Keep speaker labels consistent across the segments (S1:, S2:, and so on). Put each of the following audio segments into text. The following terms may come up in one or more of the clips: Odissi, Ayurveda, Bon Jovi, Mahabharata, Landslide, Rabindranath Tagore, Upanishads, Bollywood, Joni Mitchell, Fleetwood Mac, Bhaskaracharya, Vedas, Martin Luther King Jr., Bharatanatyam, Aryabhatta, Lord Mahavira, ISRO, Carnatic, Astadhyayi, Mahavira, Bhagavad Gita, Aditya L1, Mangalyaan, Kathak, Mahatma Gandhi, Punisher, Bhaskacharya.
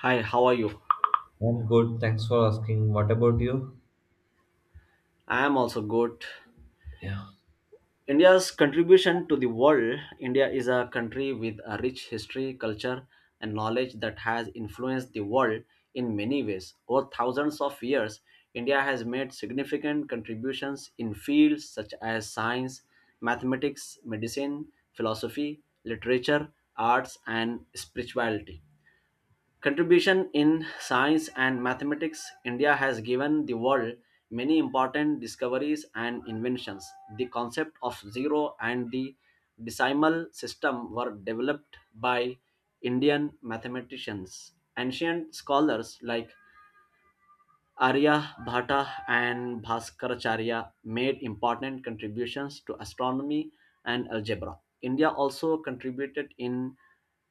S1: Hi, how are you?
S2: I'm good. Thanks for asking. What about you?
S1: I am also good.
S2: Yeah.
S1: India's contribution to the world. India is a country with a rich history, culture, and knowledge that has influenced the world in many ways. Over thousands of years, India has made significant contributions in fields such as science, mathematics, medicine, philosophy, literature, arts, and spirituality. Contribution in science and mathematics. India has given the world many important discoveries and inventions. The concept of zero and the decimal system were developed by Indian mathematicians. Ancient scholars like Arya Bhata and Bhaskaracharya made important contributions to astronomy and algebra. India also contributed in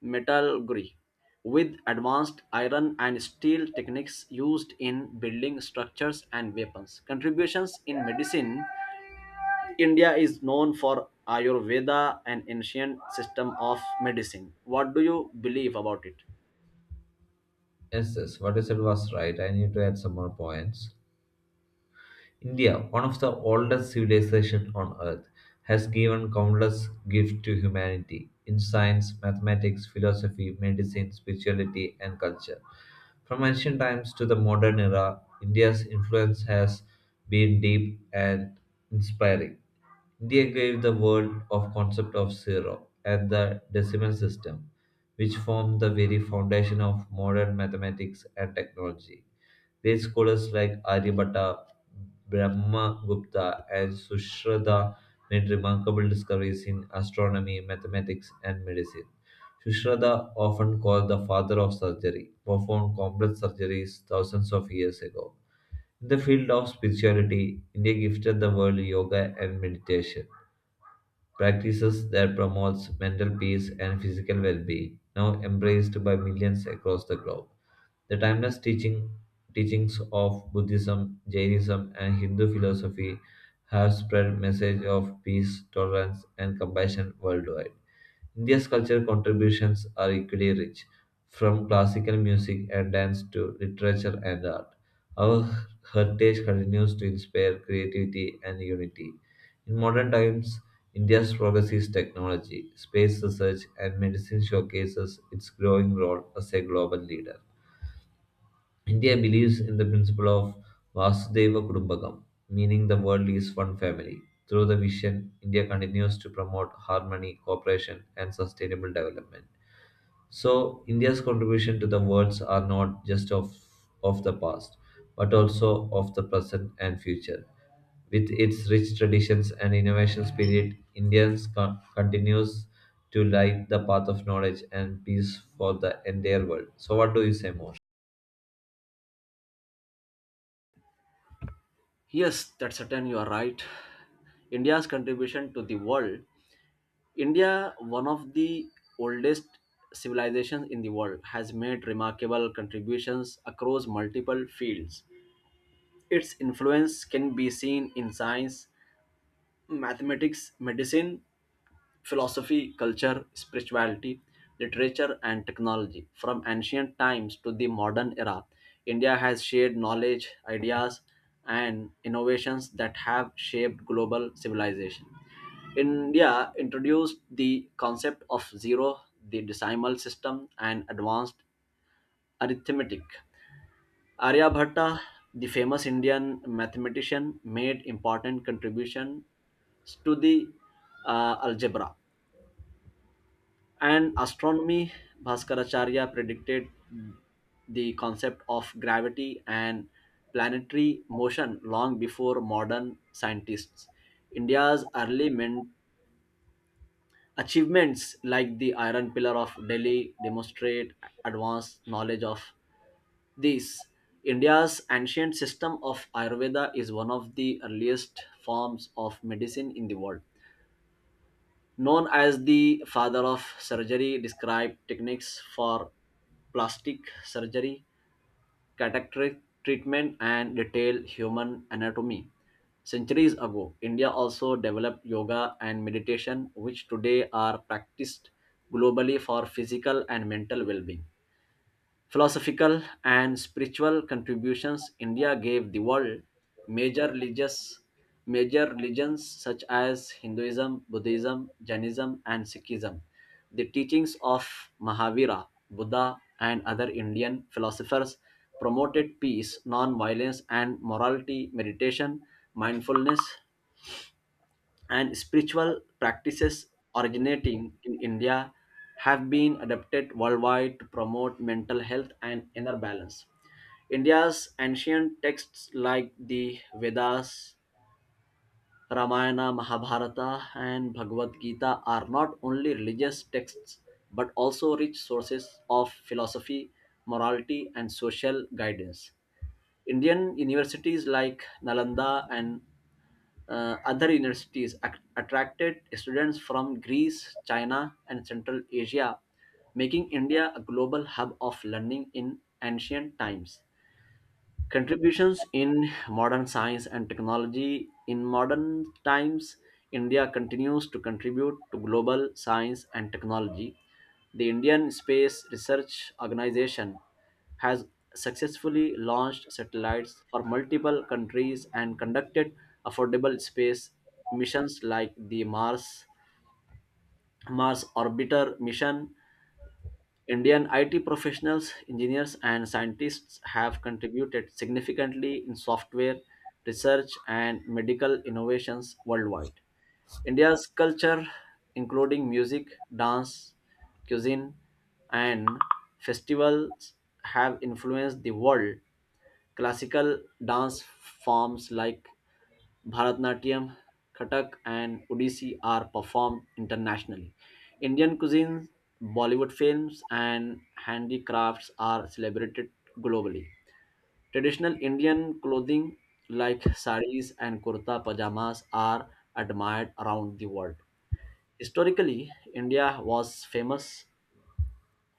S1: metallurgy with advanced iron and steel techniques used in building structures and weapons. Contributions in medicine. India is known for Ayurveda, an ancient system of medicine. What do you believe about it?
S2: Yes, yes. What you said was right. I need to add some more points. India, one of the oldest civilizations on earth, has given countless gifts to humanity in science, mathematics, philosophy, medicine, spirituality, and culture. From ancient times to the modern era, India's influence has been deep and inspiring. India gave the world of concept of zero and the decimal system, which formed the very foundation of modern mathematics and technology. Great scholars like Aryabhatta, Brahmagupta, and Sushruta made remarkable discoveries in astronomy, mathematics, and medicine. Sushruta, often called the father of surgery, performed complex surgeries thousands of years ago. In the field of spirituality, India gifted the world yoga and meditation practices that promotes mental peace and physical well-being, now embraced by millions across the globe. The timeless teaching, teachings of Buddhism, Jainism, and Hindu philosophy have spread message of peace, tolerance, and compassion worldwide. India's cultural contributions are equally rich, from classical music and dance to literature and art. Our heritage continues to inspire creativity and unity. In modern times, India's progress technology, space research, and medicine showcases its growing role as a global leader. India believes in the principle of Vasudeva Kudumbakam, meaning the world is one family. Through the vision, India continues to promote harmony, cooperation, and sustainable development. So India's contribution to the worlds are not just of the past, but also of the present and future. With its rich traditions and innovation spirit, Indians continues to light the path of knowledge and peace for the entire world. So what do you say more?
S1: Yes, that's certain, you are right. India's contribution to the world. India, one of the oldest civilizations in the world, has made remarkable contributions across multiple fields. Its influence can be seen in science, mathematics, medicine, philosophy, culture, spirituality, literature, and technology. From ancient times to the modern era, India has shared knowledge, ideas, and innovations that have shaped global civilization. India introduced the concept of zero, the decimal system, and advanced arithmetic. Aryabhatta, the famous Indian mathematician, made important contribution to the algebra and astronomy. Bhaskaracharya predicted mm, the concept of gravity and planetary motion long before modern scientists. India's achievements, like the Iron Pillar of Delhi, demonstrate advanced knowledge of this. India's ancient system of Ayurveda is one of the earliest forms of medicine in the world, known as the father of surgery, described techniques for plastic surgery, cataract treatment, and detailed human anatomy. Centuries ago, India also developed yoga and meditation, which today are practiced globally for physical and mental well being. Philosophical and spiritual contributions India gave the world. Major religious Major religions such as Hinduism, Buddhism, Jainism, and Sikhism. The teachings of Mahavira, Buddha, and other Indian philosophers promoted peace, non-violence, and morality. Meditation, mindfulness, and spiritual practices originating in India have been adapted worldwide to promote mental health and inner balance. India's ancient texts like the Vedas, Ramayana, Mahabharata, and Bhagavad Gita are not only religious texts but also rich sources of philosophy, morality, and social guidance. Indian universities like Nalanda and other universities attracted students from Greece, China, and Central Asia, making India a global hub of learning in ancient times. Contributions in modern science and technology. In modern times, India continues to contribute to global science and technology. The Indian Space Research Organization has successfully launched satellites for multiple countries and conducted affordable space missions like the Mars Orbiter mission. Indian IT professionals, engineers, and scientists have contributed significantly in software research and medical innovations worldwide. India's culture, including music, dance, cuisine, and festivals, have influenced the world. Classical dance forms like Bharatanatyam, Kathak, and Odissi are performed internationally. Indian cuisine, Bollywood films, and handicrafts are celebrated globally. Traditional Indian clothing like saris and kurta pajamas are admired around the world. Historically, India was famous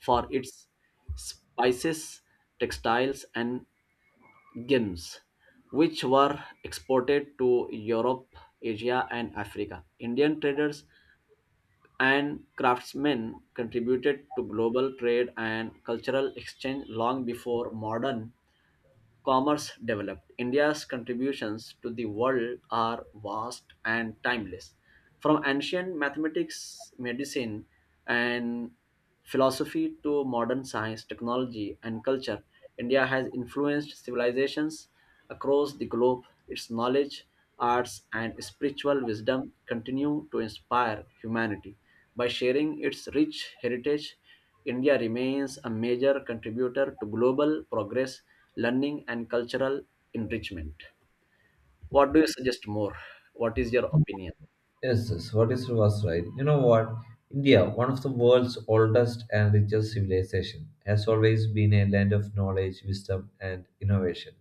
S1: for its spices, textiles, and gems, which were exported to Europe, Asia, and Africa. Indian traders and craftsmen contributed to global trade and cultural exchange long before modern commerce developed. India's contributions to the world are vast and timeless. From ancient mathematics, medicine, and philosophy to modern science, technology, and culture, India has influenced civilizations across the globe. Its knowledge, arts, and spiritual wisdom continue to inspire humanity. By sharing its rich heritage, India remains a major contributor to global progress, learning, and cultural enrichment. What do you suggest more? What is your opinion?
S2: Yes, yes, what is was right? You know what? India, one of the world's oldest and richest civilization, has always been a land of knowledge, wisdom, and innovation.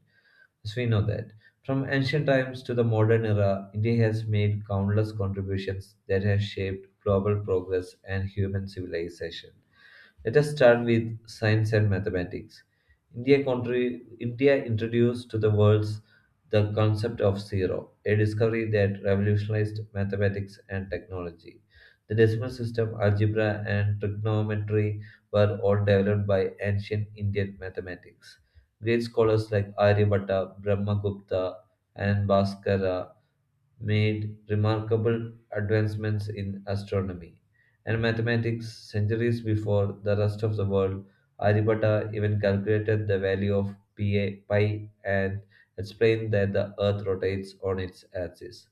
S2: As we know that from ancient times to the modern era, India has made countless contributions that have shaped global progress and human civilization. Let us start with science and mathematics. India, country, India introduced to the world the concept of zero, a discovery that revolutionized mathematics and technology. The decimal system, algebra, and trigonometry were all developed by ancient Indian mathematics. Great scholars like Aryabhatta, Brahmagupta, and Bhaskara made remarkable advancements in astronomy and mathematics centuries before the rest of the world. Aryabhatta even calculated the value of pi and explained that the earth rotates on its axis.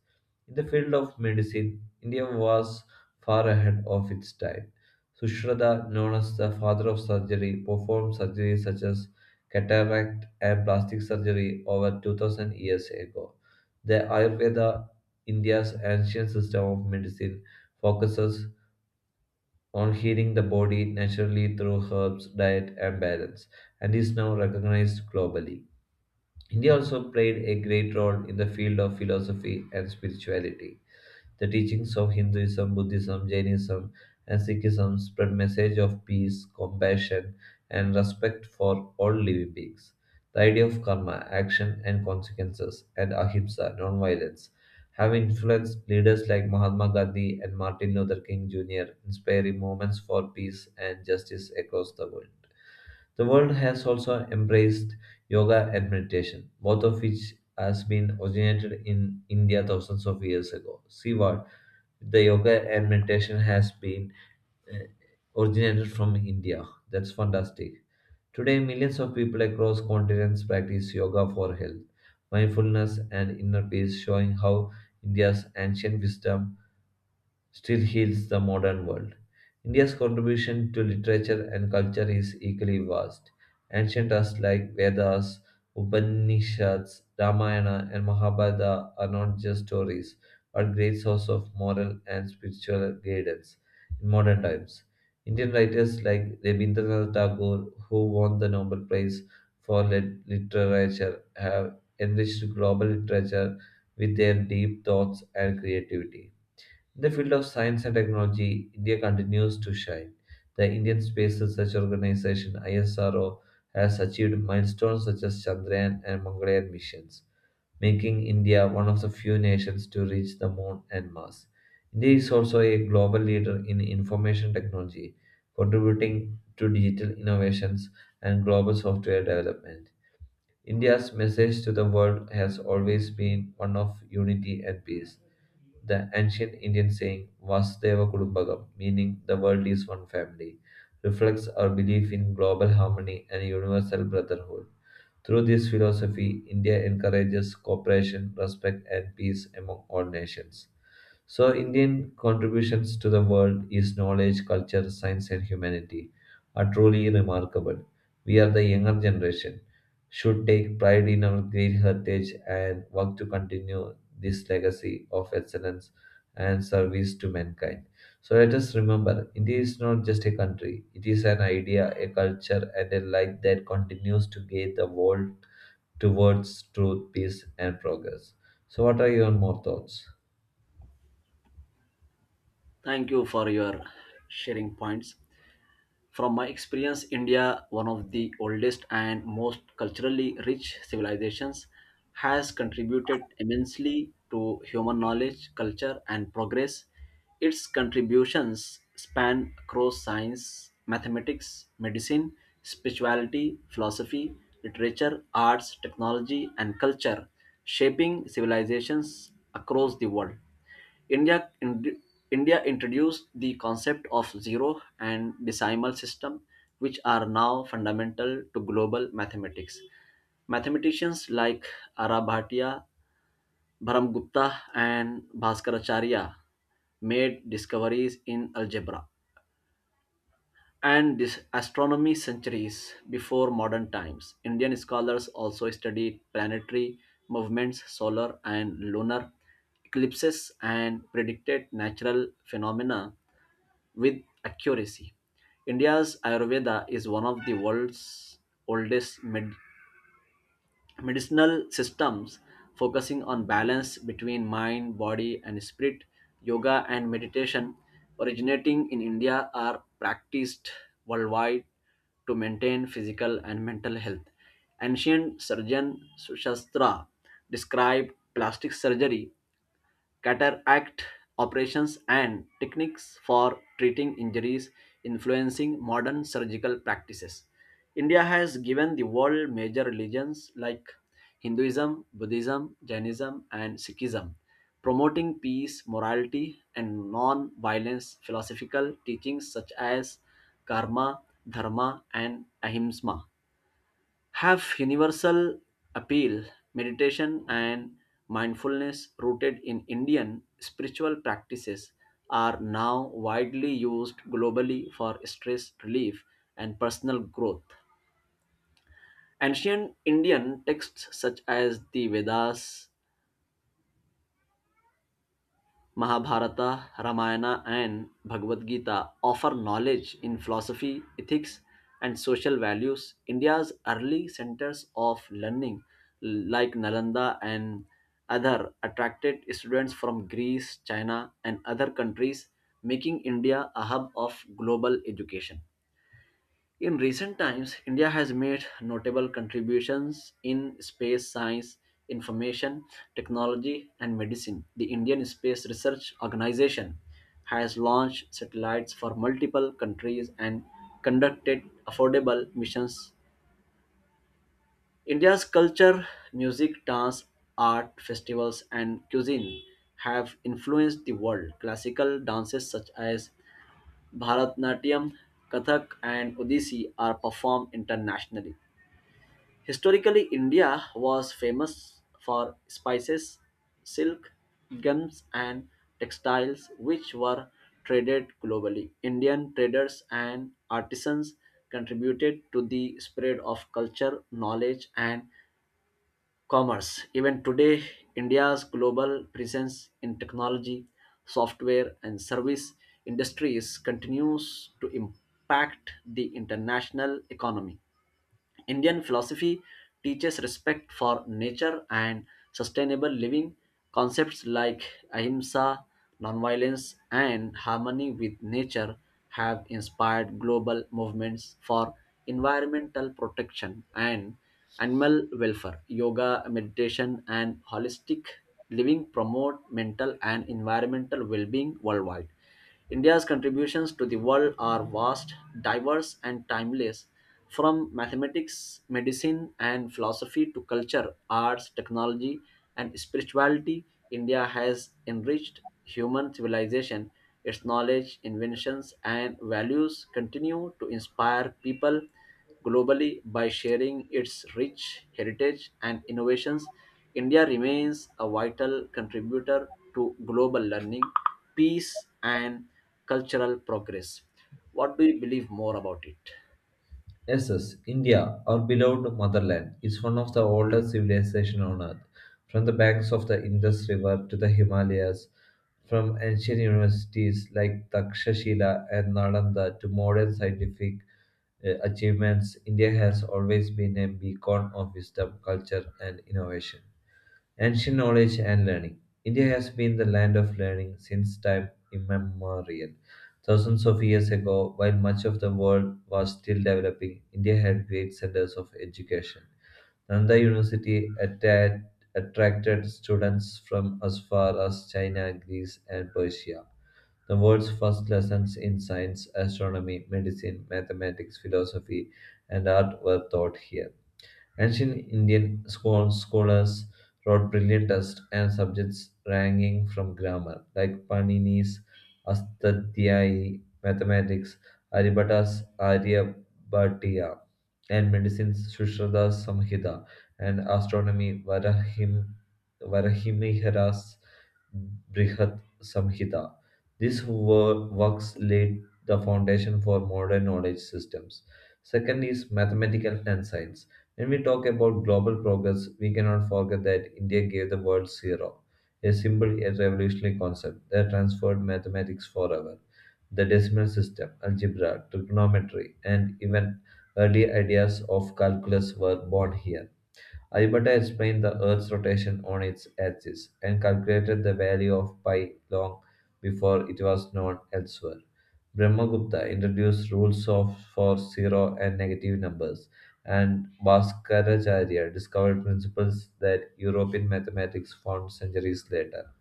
S2: In the field of medicine, India was far ahead of its time. Sushruta, known as the father of surgery, performed surgeries such as cataract and plastic surgery over 2000 years ago. The Ayurveda, India's ancient system of medicine, focuses on healing the body naturally through herbs, diet, and balance, and is now recognized globally. India also played a great role in the field of philosophy and spirituality. The teachings of Hinduism, Buddhism, Jainism, and Sikhism spread message of peace, compassion, and respect for all living beings. The idea of karma, action and consequences, and ahimsa, non-violence, have influenced leaders like Mahatma Gandhi and Martin Luther King Jr., inspiring movements for peace and justice across the world. The world has also embraced yoga and meditation, both of which has been originated in India thousands of years ago. See what the yoga and meditation has been uh, originated from India. That's fantastic. Today, millions of people across continents practice yoga for health, mindfulness, and inner peace, showing how India's ancient wisdom still heals the modern world. India's contribution to literature and culture is equally vast. Ancient texts like Vedas, Upanishads, Ramayana, and Mahabharata are not just stories, but great source of moral and spiritual guidance in modern times. Indian writers like Rabindranath Tagore, who won the Nobel Prize for literature, have enriched global literature with their deep thoughts and creativity. In the field of science and technology, India continues to shine. The Indian Space Research Organization ISRO has achieved milestones such as Chandrayaan and Mangalyaan missions, making India one of the few nations to reach the moon and Mars. India is also a global leader in information technology, contributing to digital innovations and global software development. India's message to the world has always been one of unity and peace. The ancient Indian saying, Vasudeva Kudumbagam, meaning the world is one family, reflects our belief in global harmony and universal brotherhood. Through this philosophy, India encourages cooperation, respect, and peace among all nations. So, Indian contributions to the world is knowledge, culture, science, and humanity are truly remarkable. We are the younger generation, should take pride in our great heritage and work to continue this legacy of excellence and service to mankind. So, let us remember India is not just a country, it is an idea, a culture, and a light that continues to guide the world towards truth, peace, and progress. So, what are your more thoughts?
S1: Thank you for your sharing points. From my experience, India, one of the oldest and most culturally rich civilizations, has contributed immensely to human knowledge, culture, and progress. Its contributions span across science, mathematics, medicine, spirituality, philosophy, literature, arts, technology, and culture, shaping civilizations across the world. India in- India introduced the concept of zero and decimal system, which are now fundamental to global mathematics. Mathematicians like Aryabhata, Brahmagupta, and Bhaskaracharya made discoveries in algebra and this astronomy centuries before modern times. Indian scholars also studied planetary movements, solar and lunar eclipses, and predicted natural phenomena with accuracy. India's Ayurveda is one of the world's oldest medicinal systems, focusing on balance between mind, body, and spirit. Yoga and meditation originating in India are practiced worldwide to maintain physical and mental health. Ancient surgeon Sushastra described plastic surgery, cataract operations, and techniques for treating injuries, influencing modern surgical practices. India has given the world major religions like Hinduism, Buddhism, Jainism, and Sikhism, promoting peace, morality, and non violence. Philosophical teachings such as karma, dharma, and ahimsa have universal appeal. Meditation and mindfulness, rooted in Indian spiritual practices, are now widely used globally for stress relief and personal growth. Ancient Indian texts such as the Vedas, Mahabharata, Ramayana, and Bhagavad Gita offer knowledge in philosophy, ethics, and social values. India's early centers of learning, like Nalanda and other, attracted students from Greece, China, and other countries, making India a hub of global education. In recent times, India has made notable contributions in space science, information, technology, and medicine. The Indian Space Research Organization has launched satellites for multiple countries and conducted affordable missions. India's culture, music, dance, art, festivals, and cuisine have influenced the world. Classical dances such as Bharatanatyam, Kathak, and Odissi are performed internationally. Historically, India was famous for spices, silk, gums, and textiles, which were traded globally. Indian traders and artisans contributed to the spread of culture, knowledge, and commerce. Even today, India's global presence in technology, software, and service industries continues to impact the international economy. Indian philosophy teaches respect for nature and sustainable living. Concepts like ahimsa, nonviolence, and harmony with nature have inspired global movements for environmental protection and animal welfare. Yoga, meditation, and holistic living promote mental and environmental well being worldwide. India's contributions to the world are vast, diverse, and timeless. From mathematics, medicine, and philosophy to culture, arts, technology, and spirituality, India has enriched human civilization. Its knowledge, inventions, and values continue to inspire people globally. By sharing its rich heritage and innovations, India remains a vital contributor to global learning, peace, and cultural progress. What do you believe more about it?
S2: Yes, yes. India, our beloved motherland, is one of the oldest civilizations on earth. From the banks of the Indus River to the Himalayas, from ancient universities like Takshashila and Nalanda to modern scientific achievements, India has always been a beacon of wisdom, culture, and innovation. Ancient knowledge and learning. India has been the land of learning since time immemorial. Thousands of years ago, while much of the world was still developing, India had great centers of education. Nanda University attracted students from as far as China, Greece, and Persia. The world's first lessons in science, astronomy, medicine, mathematics, philosophy, and art were taught here. Ancient Indian scholars wrote brilliant texts and subjects ranging from grammar, like Panini's Astadhyayi, mathematics, Aryabhata's Aryabhatiya, and medicine's Sushruta's Samhita, and astronomy Varahimihira's Brihat Samhita. These works laid the foundation for modern knowledge systems. Second is mathematical and science. When we talk about global progress, we cannot forget that India gave the world zero, a simple yet revolutionary concept that transformed mathematics forever. The decimal system, algebra, trigonometry, and even early ideas of calculus were born here. Alberta explained the Earth's rotation on its axis and calculated the value of pi long before it was known elsewhere. Brahmagupta introduced rules of for zero and negative numbers, and Bhaskacharya discovered principles that European mathematics found centuries later.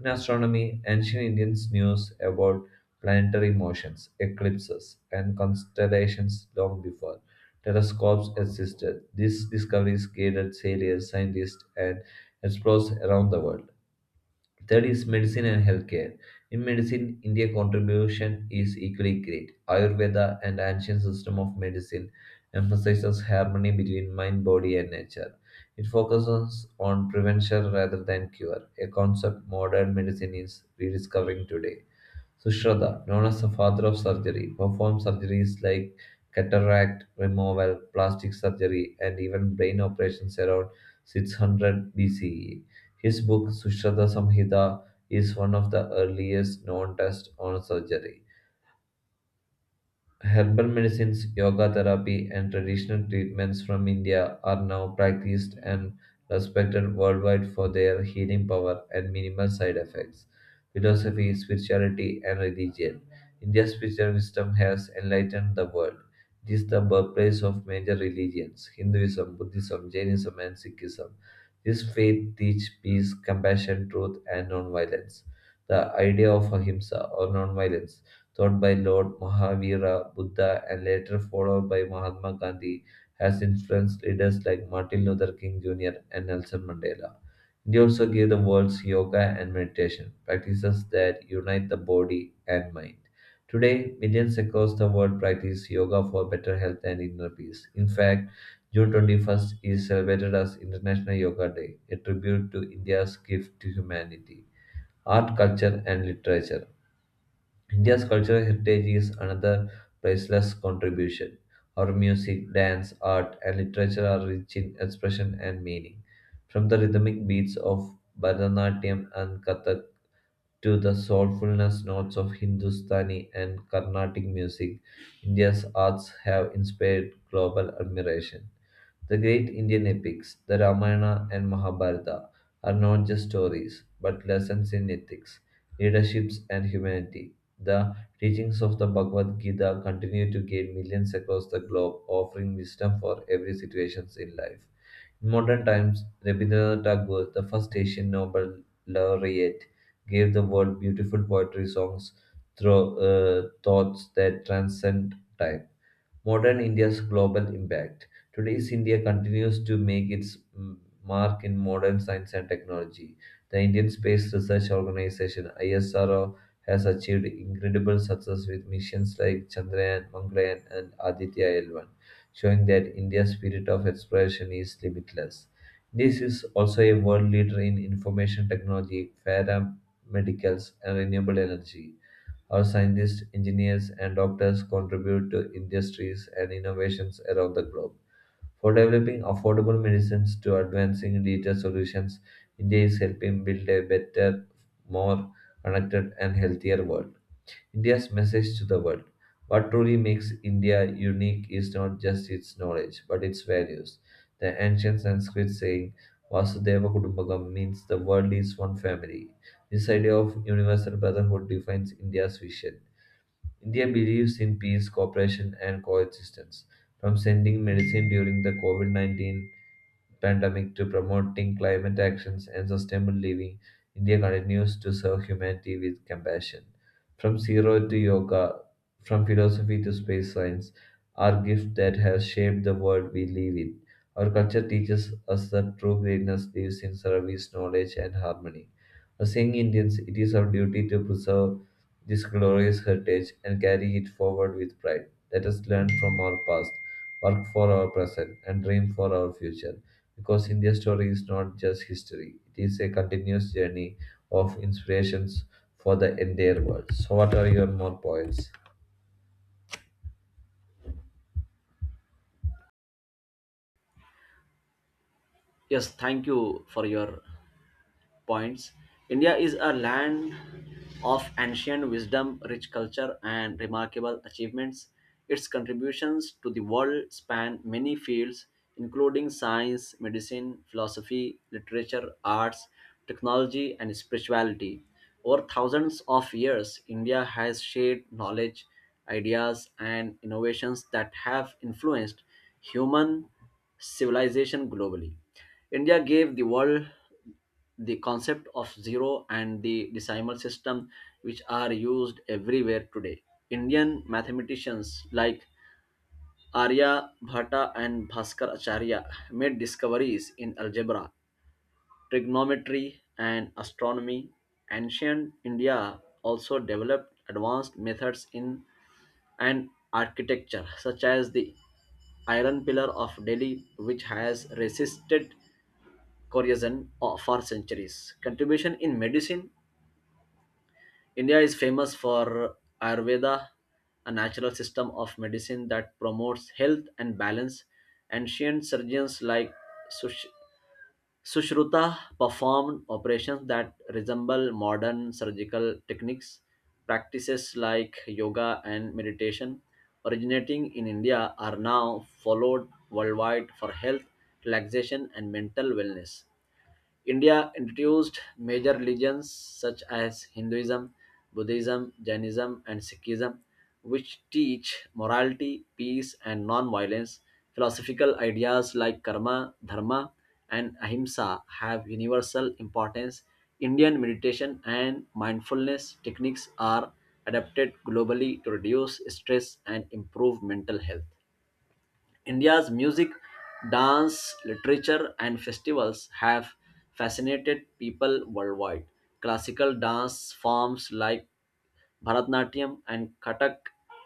S2: In astronomy, ancient Indians knew about planetary motions, eclipses, and constellations long before telescopes existed. These discoveries guided sailors, scientists, and explorers around the world. Third is medicine and healthcare. In medicine, India's contribution is equally great. Ayurveda, an ancient system of medicine, emphasizes harmony between mind, body, and nature. It focuses on prevention rather than cure, a concept modern medicine is rediscovering today. Sushruta, known as the father of surgery, performed surgeries like cataract removal, plastic surgery, and even brain operations around 600 BCE. His book, Sushruta Samhita, is one of the earliest known texts on surgery. Herbal medicines, yoga therapy, and traditional treatments from India are now practiced and respected worldwide for their healing power and minimal side effects. Philosophy, spirituality, and religion. India's spiritual wisdom has enlightened the world. It is the birthplace of major religions Hinduism, Buddhism, Jainism, and Sikhism. This faith teaches peace, compassion, truth, and non-violence. The idea of ahimsa or non-violence taught by Lord Mahavira Buddha and later followed by Mahatma Gandhi, has influenced leaders like Martin Luther King Jr. and Nelson Mandela. India also gave the world yoga and meditation, practices that unite the body and mind. Today, millions across the world practice yoga for better health and inner peace. In fact, June 21st is celebrated as International Yoga Day, a tribute to India's gift to humanity. Art, culture, and literature. India's cultural heritage is another priceless contribution. Our music, dance, art, and literature are rich in expression and meaning. From the rhythmic beats of Bharatanatyam and Kathak to the soulfulness notes of Hindustani and Carnatic music, India's arts have inspired global admiration. The great Indian epics, the Ramayana and Mahabharata, are not just stories, but lessons in ethics, leaderships, and humanity. The teachings of the Bhagavad Gita continue to guide millions across the globe, offering wisdom for every situation in life. In modern times, Rabindranath Tagore, the first Asian Nobel laureate, gave the world beautiful poetry songs, thoughts that transcend time modern India's global impact. Today's India continues to make its mark in modern science and technology. The Indian Space Research Organization ISRO has achieved incredible success with missions like Chandrayaan, Mangalyaan, and Aditya L1, showing that India's spirit of exploration is limitless. This is also a world leader in information technology, paramedicals, and renewable energy. Our scientists, engineers, and doctors contribute to industries and innovations around the globe. For developing affordable medicines to advancing digital solutions, India is helping build a better, more connected, and healthier world. India's message to the world. What truly makes India unique is not just its knowledge, but its values. The ancient Sanskrit saying, Vasudeva Kudumbakam, means the world is one family. This idea of universal brotherhood defines India's vision. India believes in peace, cooperation, and coexistence. From sending medicine during the COVID COVID-19 pandemic to promoting climate actions and sustainable living, India continues to serve humanity with compassion. From zero to yoga, from philosophy to space science, our gift that has shaped the world we live in. Our culture teaches us that true greatness lives in service, knowledge, and harmony. As young Indians, it is our duty to preserve this glorious heritage and carry it forward with pride. Let us learn from our past, work for our present, and dream for our future. Because India's story is not just history, it is a continuous journey of inspirations for the entire world. So, what are your more points?
S1: Yes, thank you for your points. India is a land of ancient wisdom, rich culture, and remarkable achievements. Its contributions to the world span many fields, including science, medicine, philosophy, literature, arts, technology, and spirituality. Over thousands of years, India has shared knowledge, ideas, and innovations that have influenced human civilization globally. India gave the world the concept of zero and the decimal system, which are used everywhere today. Indian mathematicians like Arya Bhatta and Bhaskar Acharya made discoveries in algebra, trigonometry, and astronomy. Ancient India also developed advanced methods in and architecture, such as the iron pillar of Delhi, which has resisted corrosion for centuries. Contribution in medicine. India is famous for Ayurveda, a natural system of medicine that promotes health and balance. Ancient surgeons like Sush- Sushruta performed operations that resemble modern surgical techniques. Practices like yoga and meditation, originating in India, are now followed worldwide for health, relaxation, and mental wellness. India introduced major religions such as Hinduism, Buddhism, Jainism, and Sikhism, which teach morality, peace, and non violence. Philosophical ideas like karma, dharma, and ahimsa have universal importance. Indian meditation and mindfulness techniques are adapted globally to reduce stress and improve mental health. India's music, dance, literature, and festivals have fascinated people worldwide. Classical dance forms like Bharatanatyam and Kathak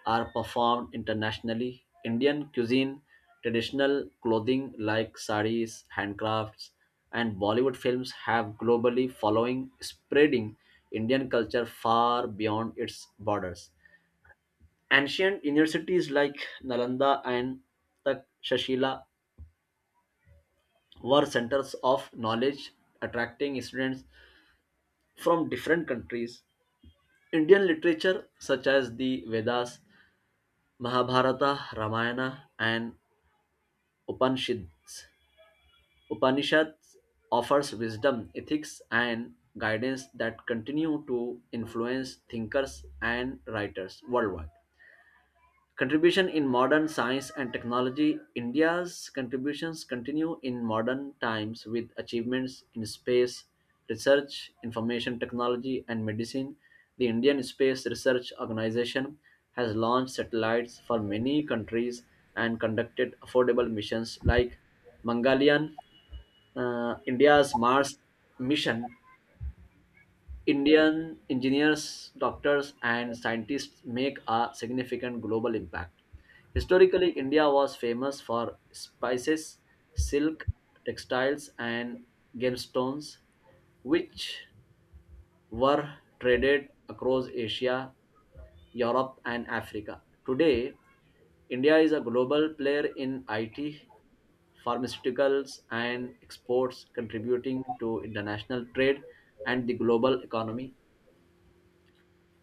S1: are performed internationally. Indian cuisine, traditional clothing like saris, handcrafts, and Bollywood films have globally following, spreading Indian culture far beyond its borders. Ancient universities like Nalanda and Takshashila were centers of knowledge, attracting students from different countries. Indian literature, such as the Vedas, Mahabharata, Ramayana, and Upanishads, Upanishads offers wisdom, ethics, and guidance that continue to influence thinkers and writers worldwide. Contribution in modern science and technology. India's contributions continue in modern times with achievements in space research, information technology, and medicine. The Indian Space Research Organization has launched satellites for many countries and conducted affordable missions like Mangalyaan, India's Mars mission. Indian engineers, doctors, and scientists make a significant global impact. Historically, India was famous for spices, silk, textiles, and gemstones, which were traded across Asia, Europe, and Africa. Today, India is a global player in IT, pharmaceuticals, and exports, contributing to international trade and the global economy.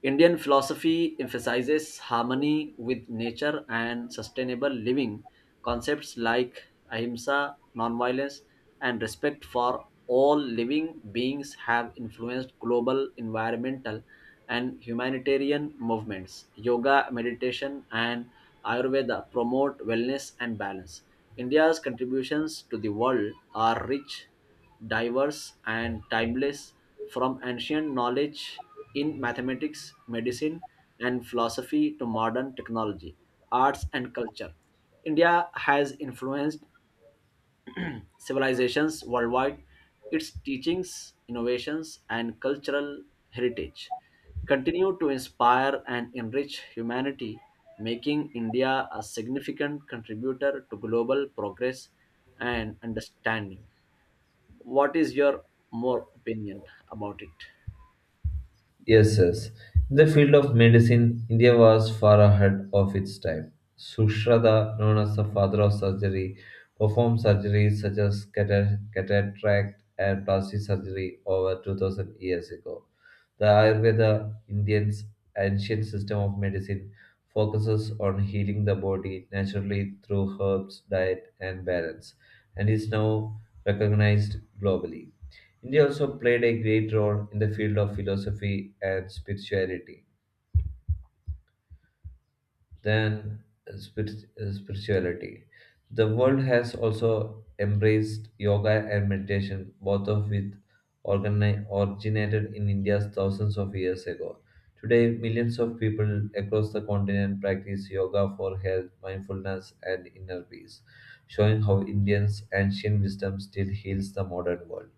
S1: Indian philosophy emphasizes harmony with nature and sustainable living. Concepts like ahimsa, nonviolence, and respect for all living beings have influenced global environmental and humanitarian movements. Yoga, meditation, and Ayurveda promote wellness and balance. India's contributions to the world are rich, diverse, and timeless. From ancient knowledge in mathematics, medicine, and philosophy to modern technology, arts, and culture, India has influenced civilizations worldwide. Its teachings, innovations, and cultural heritage continue to inspire and enrich humanity, making India a significant contributor to global progress and understanding. What is your more opinion about it?
S2: Yes, yes. In the field of medicine, India was far ahead of its time. Sushratta, known as the father of surgery, performed surgeries such as cataract and plastic surgery over 2000 years ago. The Ayurveda, Indian's ancient system of medicine, focuses on healing the body naturally through herbs, diet, and balance, and is now recognized globally. India also played a great role in the field of philosophy and spirituality. Then, uh, spirit, spirituality. The world has also embraced yoga and meditation, both of which originated in India thousands of years ago. Today, millions of people across the continent practice yoga for health, mindfulness, and inner peace, showing how Indians' ancient wisdom still heals the modern world.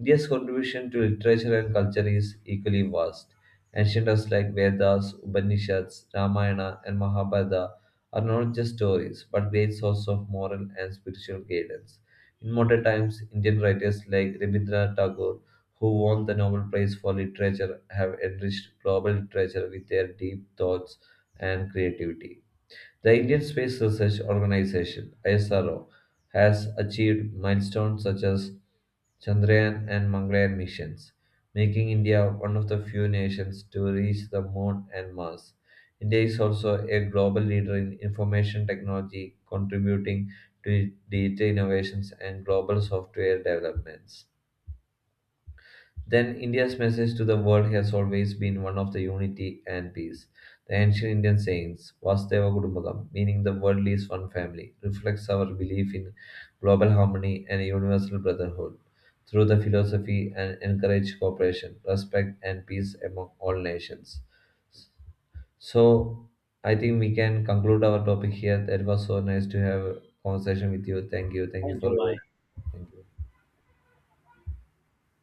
S2: India's contribution to literature and culture is equally vast. Ancient texts like Vedas, Upanishads, Ramayana, and Mahabharata are not just stories but great source of moral and spiritual guidance. In modern times, Indian writers like Rabindranath Tagore, who won the Nobel Prize for Literature, have enriched global literature with their deep thoughts and creativity. The Indian Space Research Organisation (ISRO) has achieved milestones such as Chandrayaan and Mangalyaan missions, making India one of the few nations to reach the moon and Mars. India is also a global leader in information technology, contributing to digital innovations and global software developments. Then, India's message to the world has always been one of the unity and peace. The ancient Indian sayings, Vasudeva Kudumbakam, meaning the world is one family, reflects our belief in global harmony and universal brotherhood through the philosophy and encourage cooperation, respect, and peace among all nations. So, I think we can conclude our topic here. That was so nice to have a conversation with you. Thank you. Thank you
S1: Thank
S2: for
S1: you.
S2: your.
S1: Bye.
S2: Thank you.